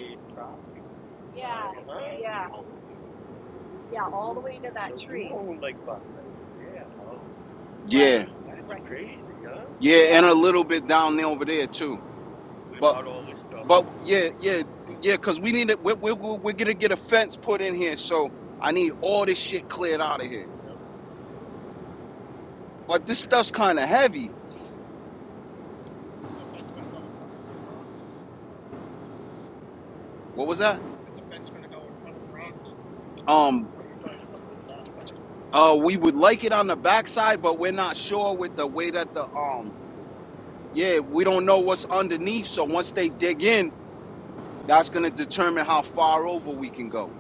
Speaker 3: Yeah, yeah, and a little bit down there over there too. But but yeah, yeah, yeah, cause we need it. We're, we're, we're gonna get a fence put in here, so I need all this shit cleared out of here. But this stuff's kind of heavy. What was that? Um, uh, we would like it on the backside, but we're not sure with the way that the um, yeah, we don't know what's underneath. So once they dig in, That's gonna determine how far over we can go.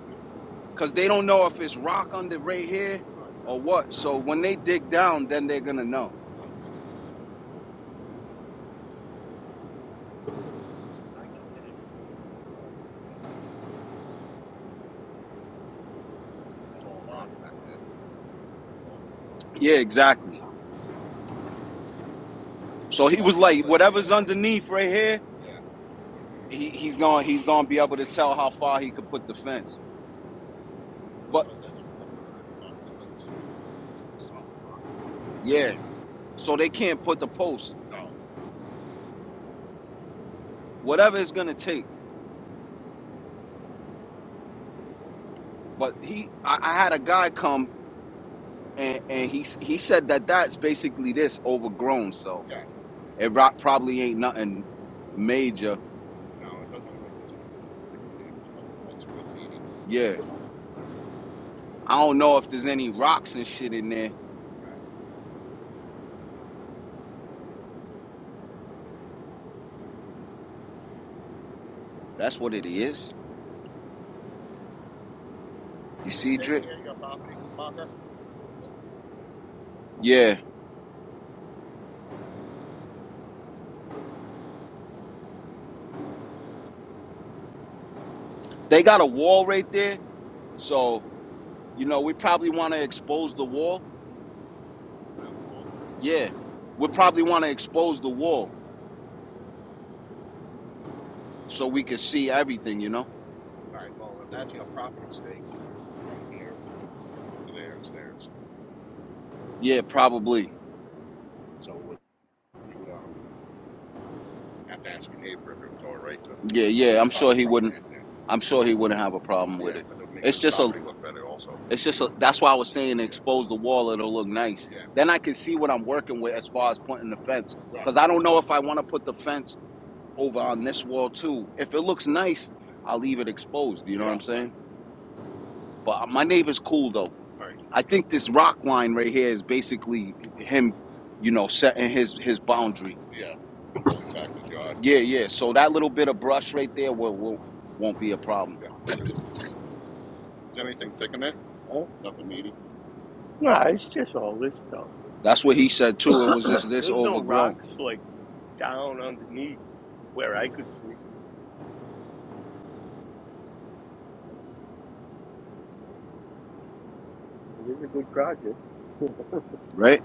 Speaker 3: Cause they don't know if it's rock under right here or what. So when they dig down, then they're gonna know. Yeah, exactly. So he was like, whatever's underneath right here, he, he's gonna he's gonna be able to tell how far he could put the fence. But yeah, so they can't put the post, whatever it's gonna take. But he, I, I had a guy come and and he he said that that's basically this overgrown. So yeah, It rock probably ain't nothing major. Yeah. I don't know if there's any rocks and shit in there. That's what it is. You see, Drip? Yeah. They got a wall right there. So, you know, we probably want to expose the wall. Yeah. We probably want to expose the wall so we can see everything, you know? Yeah, probably. Yeah, yeah. I'm sure he wouldn't. I'm sure he wouldn't have a problem with it. It's just a. It's just a, that's why I was saying expose the wall. It'll look nice. Then I can see what I'm working with as far as putting the fence. Cause I don't know if I want to put the fence over on this wall too. If it looks nice, I'll leave it exposed. You know what I'm saying? But uh, my neighbor's cool though. I think this rock line right here is basically him, you know, setting his his boundary. Yeah, yeah. So that little bit of brush right there will, will won't be a problem. That's what he said too. It was just this overgrown, right?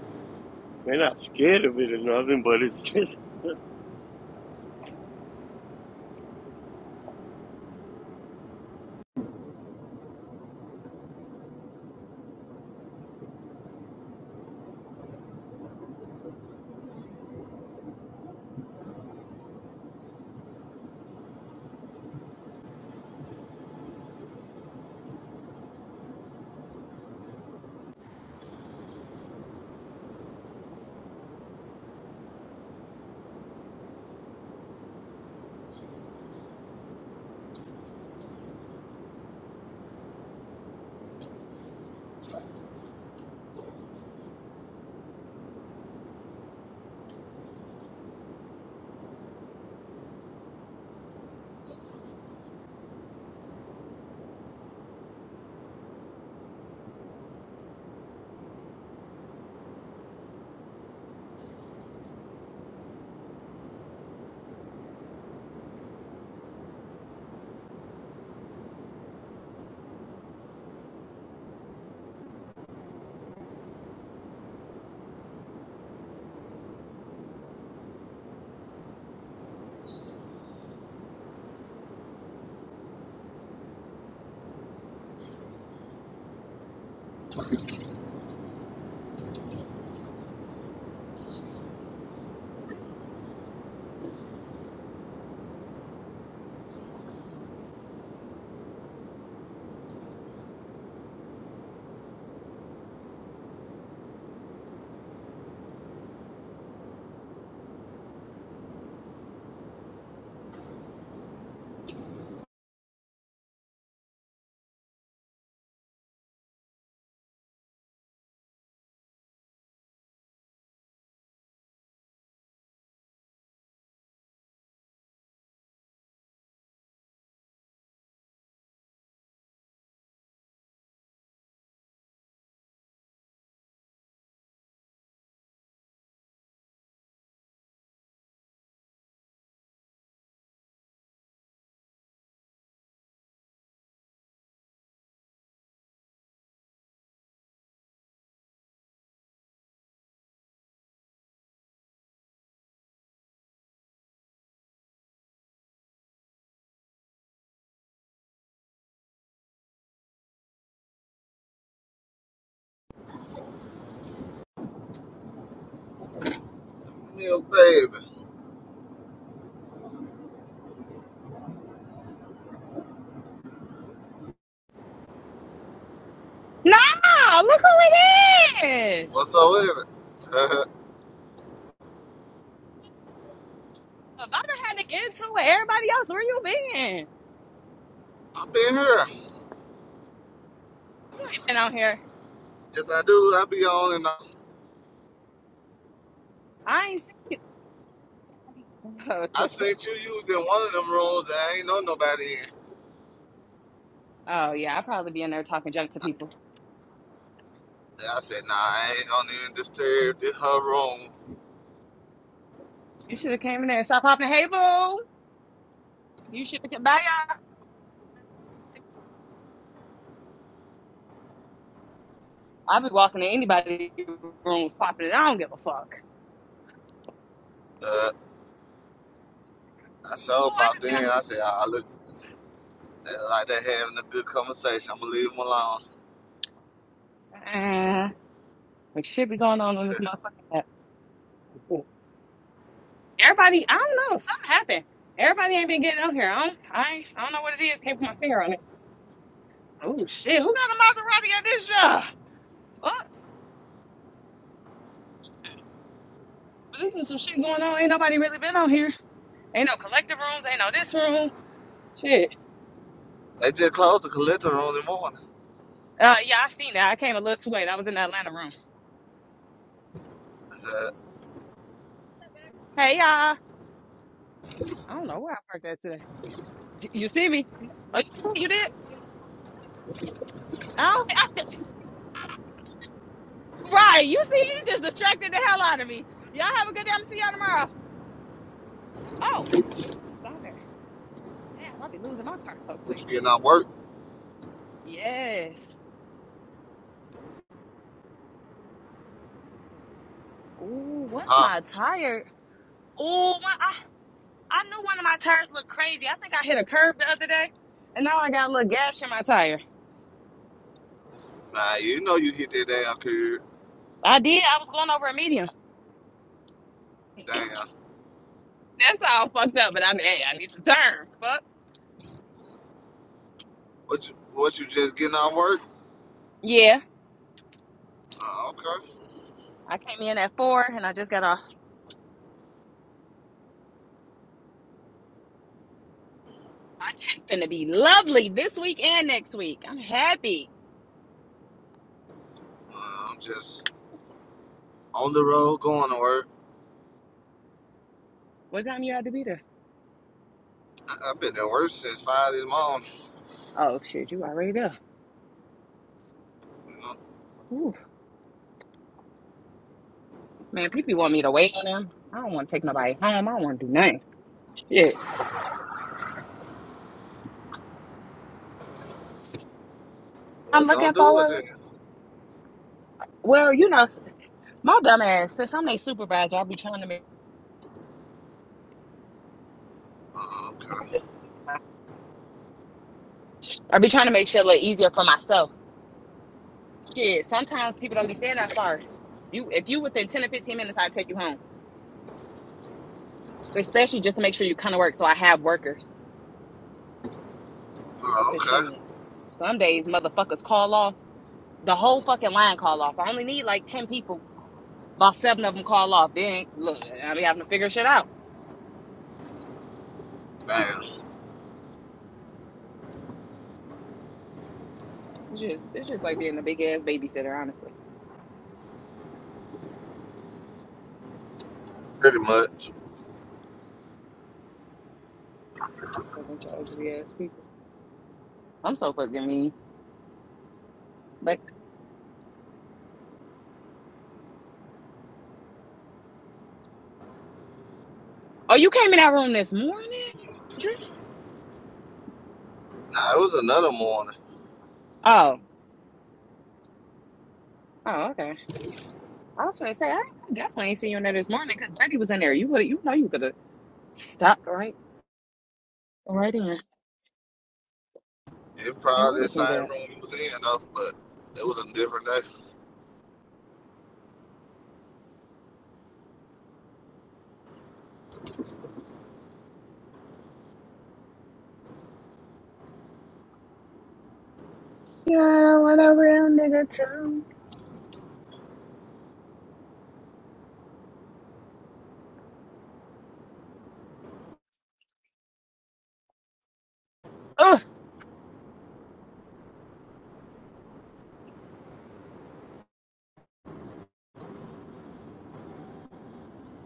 Speaker 1: Milk baby.
Speaker 4: Nah, look who it is.
Speaker 1: What's so is it?
Speaker 4: If I done had to get into it with everybody else. Where you been?
Speaker 1: I been here.
Speaker 4: You ain't been out here.
Speaker 1: Yes, I do. I be on and off.
Speaker 4: I ain't seen you. Oh, it's
Speaker 1: I
Speaker 4: okay.
Speaker 1: seen you using one of them rooms and I ain't know nobody in.
Speaker 4: Oh, yeah, I'll probably be in there talking junk to people.
Speaker 1: And I said, nah, I ain't gonna even disturb the, her room.
Speaker 4: You should have came in there and stopped popping. Hey, boo. You should have bye. y'all. i have been walking to anybody's room popping it. I don't give a fuck.
Speaker 1: Uh, I sure
Speaker 4: Oh,
Speaker 1: popped in. I said, I look uh, like they're having a good conversation. I'm gonna leave them alone.
Speaker 4: I just, uh, what should be going on on this motherfucking app? Everybody, I don't know. Something happened. Everybody ain't been getting out here. I don't, I, ain't- I don't know what it is. Can't put my finger on it. Oh shit, who got a Maserati at this job? What? But this is some shit going on. Ain't nobody really been on here. Ain't no collective rooms. Ain't no this room. Shit.
Speaker 1: They just closed the collector room in the morning.
Speaker 4: Uh, yeah, I seen that. I came a little too late. I was in the Atlanta room.
Speaker 1: Uh,
Speaker 4: Hey y'all. I don't know where I parked that today. You see me? Oh, you did? I don't. I still, right. You see, you just distracted the hell out of me. Y'all have a good day. I'm see y'all tomorrow. Oh, it's on there. Damn, I'll be losing my car so
Speaker 1: what
Speaker 4: quick.
Speaker 1: you getting out work?
Speaker 4: Yes. Ooh, when am
Speaker 1: Huh?
Speaker 4: I tired? Ooh, when I I knew one of my tires looked crazy. I think I hit a curb the other day, and now I got a little gash in my tire.
Speaker 1: Nah, you know you hit that damn curb.
Speaker 4: I did. I was going over a medium.
Speaker 1: Damn.
Speaker 4: That's all fucked up, but I hey, I need to turn. Fuck.
Speaker 1: What you, what you just getting out work?
Speaker 4: Yeah.
Speaker 1: Uh, okay.
Speaker 4: I came in at four, and I just got off. My check finna be lovely this week and next week. I'm happy.
Speaker 1: Uh, I'm just on the road going to work.
Speaker 4: What time you had to be there?
Speaker 1: I, I've been at work since five this morning.
Speaker 4: Oh shit, you already there.
Speaker 1: You know?
Speaker 4: Ooh, man, people want me to wait on them. I don't want to take nobody home. I don't want to do nothing. Shit. I'm
Speaker 1: Well,
Speaker 4: looking
Speaker 1: don't do it
Speaker 4: forward.
Speaker 1: then.
Speaker 4: Well, you know, my dumb ass, since I'm their supervisor, I'll be trying to
Speaker 1: Oh, okay.
Speaker 4: I be trying to make shit a little easier for myself. Shit, sometimes people don't be staying that far. You, if you within ten or fifteen minutes, I'll take you home. Especially just to make sure you kind of work, so I have workers.
Speaker 1: Oh,
Speaker 4: Cause
Speaker 1: okay.
Speaker 4: shit, some days motherfuckers call off. The whole fucking line call off. I only need like ten people. About seven of them call off. Then look, I be having to figure shit out.
Speaker 1: Man,
Speaker 4: It's just, it's just like being a big ass babysitter, honestly.
Speaker 1: pretty much.
Speaker 4: A bunch of ugly ass people. I'm so fucking mean. Like, oh, you came in that room this morning, Drew?
Speaker 1: Nah, it was another morning.
Speaker 4: Oh, oh, okay. I was trying to say, I, I definitely ain't seen you in there this morning because Birdie was in there. You would, you know, you could have stopped right, right in.
Speaker 1: It
Speaker 4: And where
Speaker 1: probably the
Speaker 4: this nigga
Speaker 1: same
Speaker 4: at?
Speaker 1: room you was in though, but it was a different day.
Speaker 4: Yeah, I want a real nigga too. Ugh,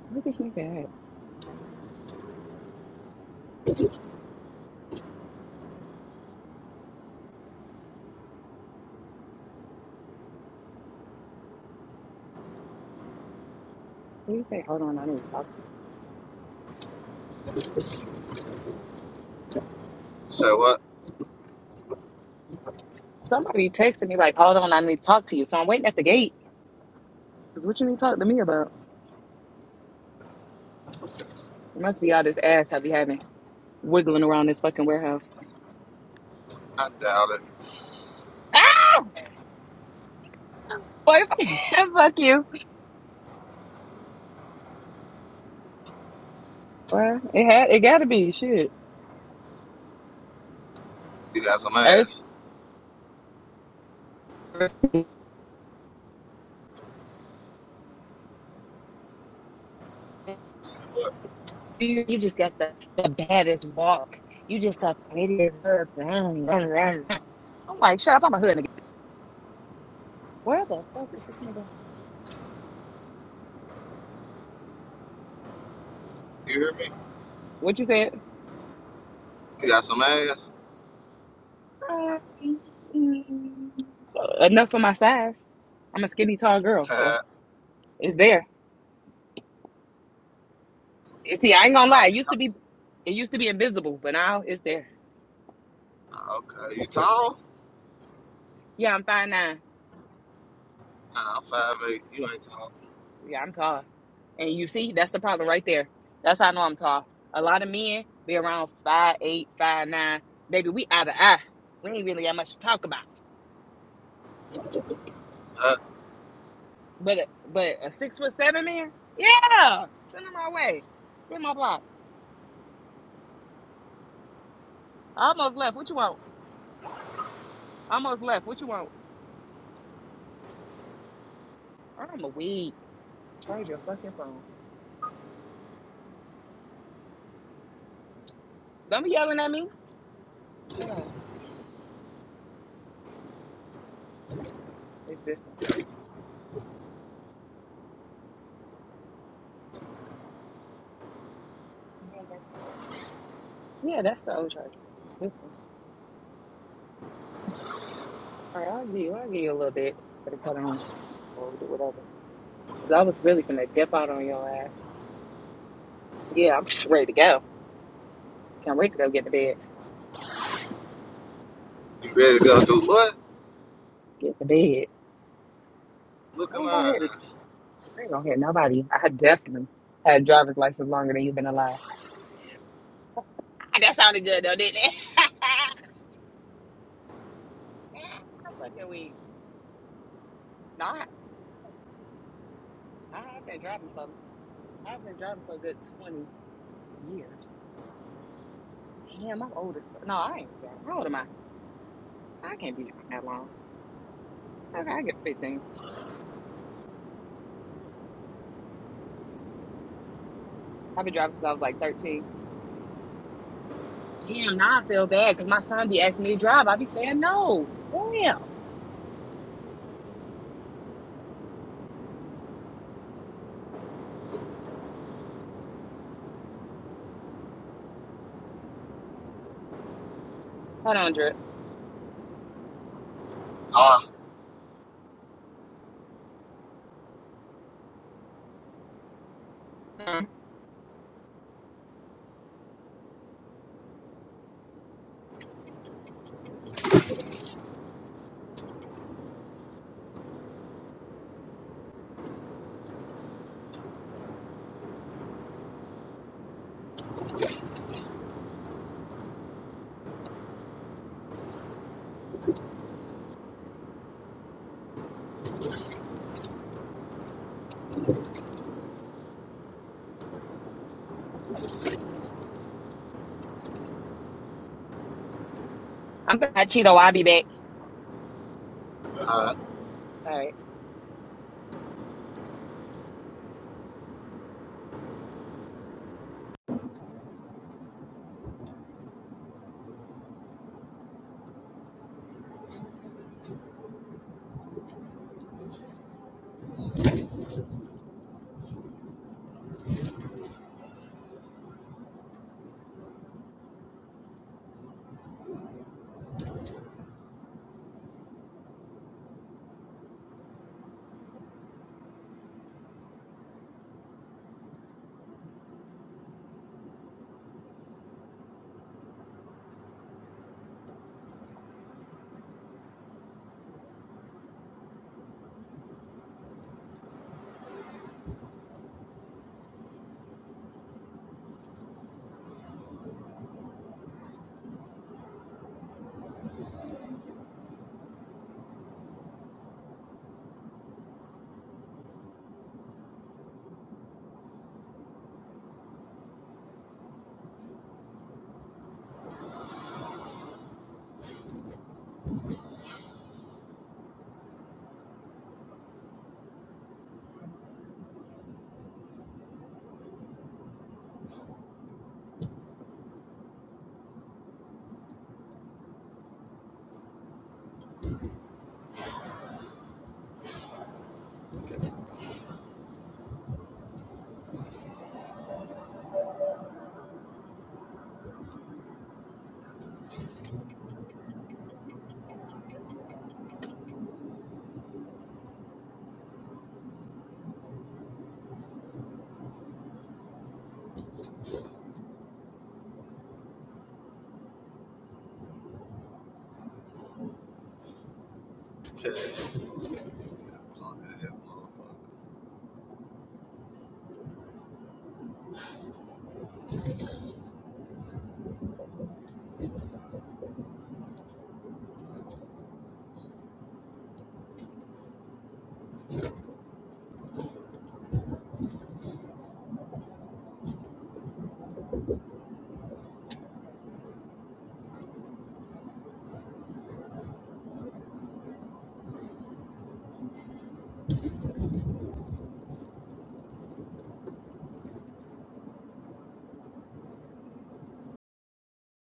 Speaker 4: where this nigga at? Where you say, hold on, I need to talk to you.
Speaker 1: Say what?
Speaker 4: Somebody texted me like, hold on, I need to talk to you. So I'm waiting at the gate. Cause what you need to talk to me about? It must be all this ass I be having wiggling around this fucking warehouse.
Speaker 1: I doubt it.
Speaker 4: Ah, boy, fuck you. Well, it had, it gotta be shit.
Speaker 1: You got some
Speaker 4: Ever
Speaker 1: ass. Say what?
Speaker 4: you just got the, the baddest walk. You just the prettiest. I'm like, shut up, I'm a hood nigga. Where the fuck is this nigga?
Speaker 1: You hear me?
Speaker 4: What you said?
Speaker 1: You got some ass.
Speaker 4: Um, Enough for my size. I'm a skinny tall girl, so
Speaker 1: uh,
Speaker 4: it's there. And See, I ain't gonna lie. It
Speaker 1: you
Speaker 4: used to
Speaker 1: tall?
Speaker 4: be, it used to be invisible, but now it's there.
Speaker 1: Okay, you tall?
Speaker 4: Yeah, I'm five nine.
Speaker 1: Nah, I'm five eight. You ain't tall.
Speaker 4: Yeah, I'm tall. And you see, that's the problem right there. That's how I know I'm tall. A lot of men be around five eight, five nine. Baby, we out of eye. We ain't really got much to talk about.
Speaker 1: Huh?
Speaker 4: But a- but a six foot seven man, yeah, send him my way. Spin my block. I almost left. What you want? I almost left. What you want? I'm a weak. Charge your fucking phone. Don't be yelling at me. Hold on. It's this one. You don't got the old charger. Yeah, that's the old charger. This one. All right, I'll give you. I'll give you a little bit. Let it cut on. Or do whatever. 'Cause I was really gonna dip out on your ass. Yeah, I'm just ready to go. Can't wait to go get to bed.
Speaker 1: You ready to go do what?
Speaker 4: Get to bed.
Speaker 1: Look
Speaker 4: I ain't gonna hit.
Speaker 1: alive.
Speaker 4: I ain't gonna hit nobody. I had definitely had driver's license longer than you've been alive. Ah, That sounded good though, didn't it? I'm fucking weak. No, I, I have been driving for. I've been driving for a good twenty years. Damn, I'm old as fuck. No, I ain't driving. How old am I? I can't be driving that long. Okay, I get fifteen. I've been driving since I was like thirteen. Damn, now I feel bad because my son be asking me to drive. I be saying no. Damn. Hold on, Drip.
Speaker 1: Ah,
Speaker 4: Um, I'm back, Cheeto. I'll be back.
Speaker 1: uh,
Speaker 4: All right.
Speaker 1: okay.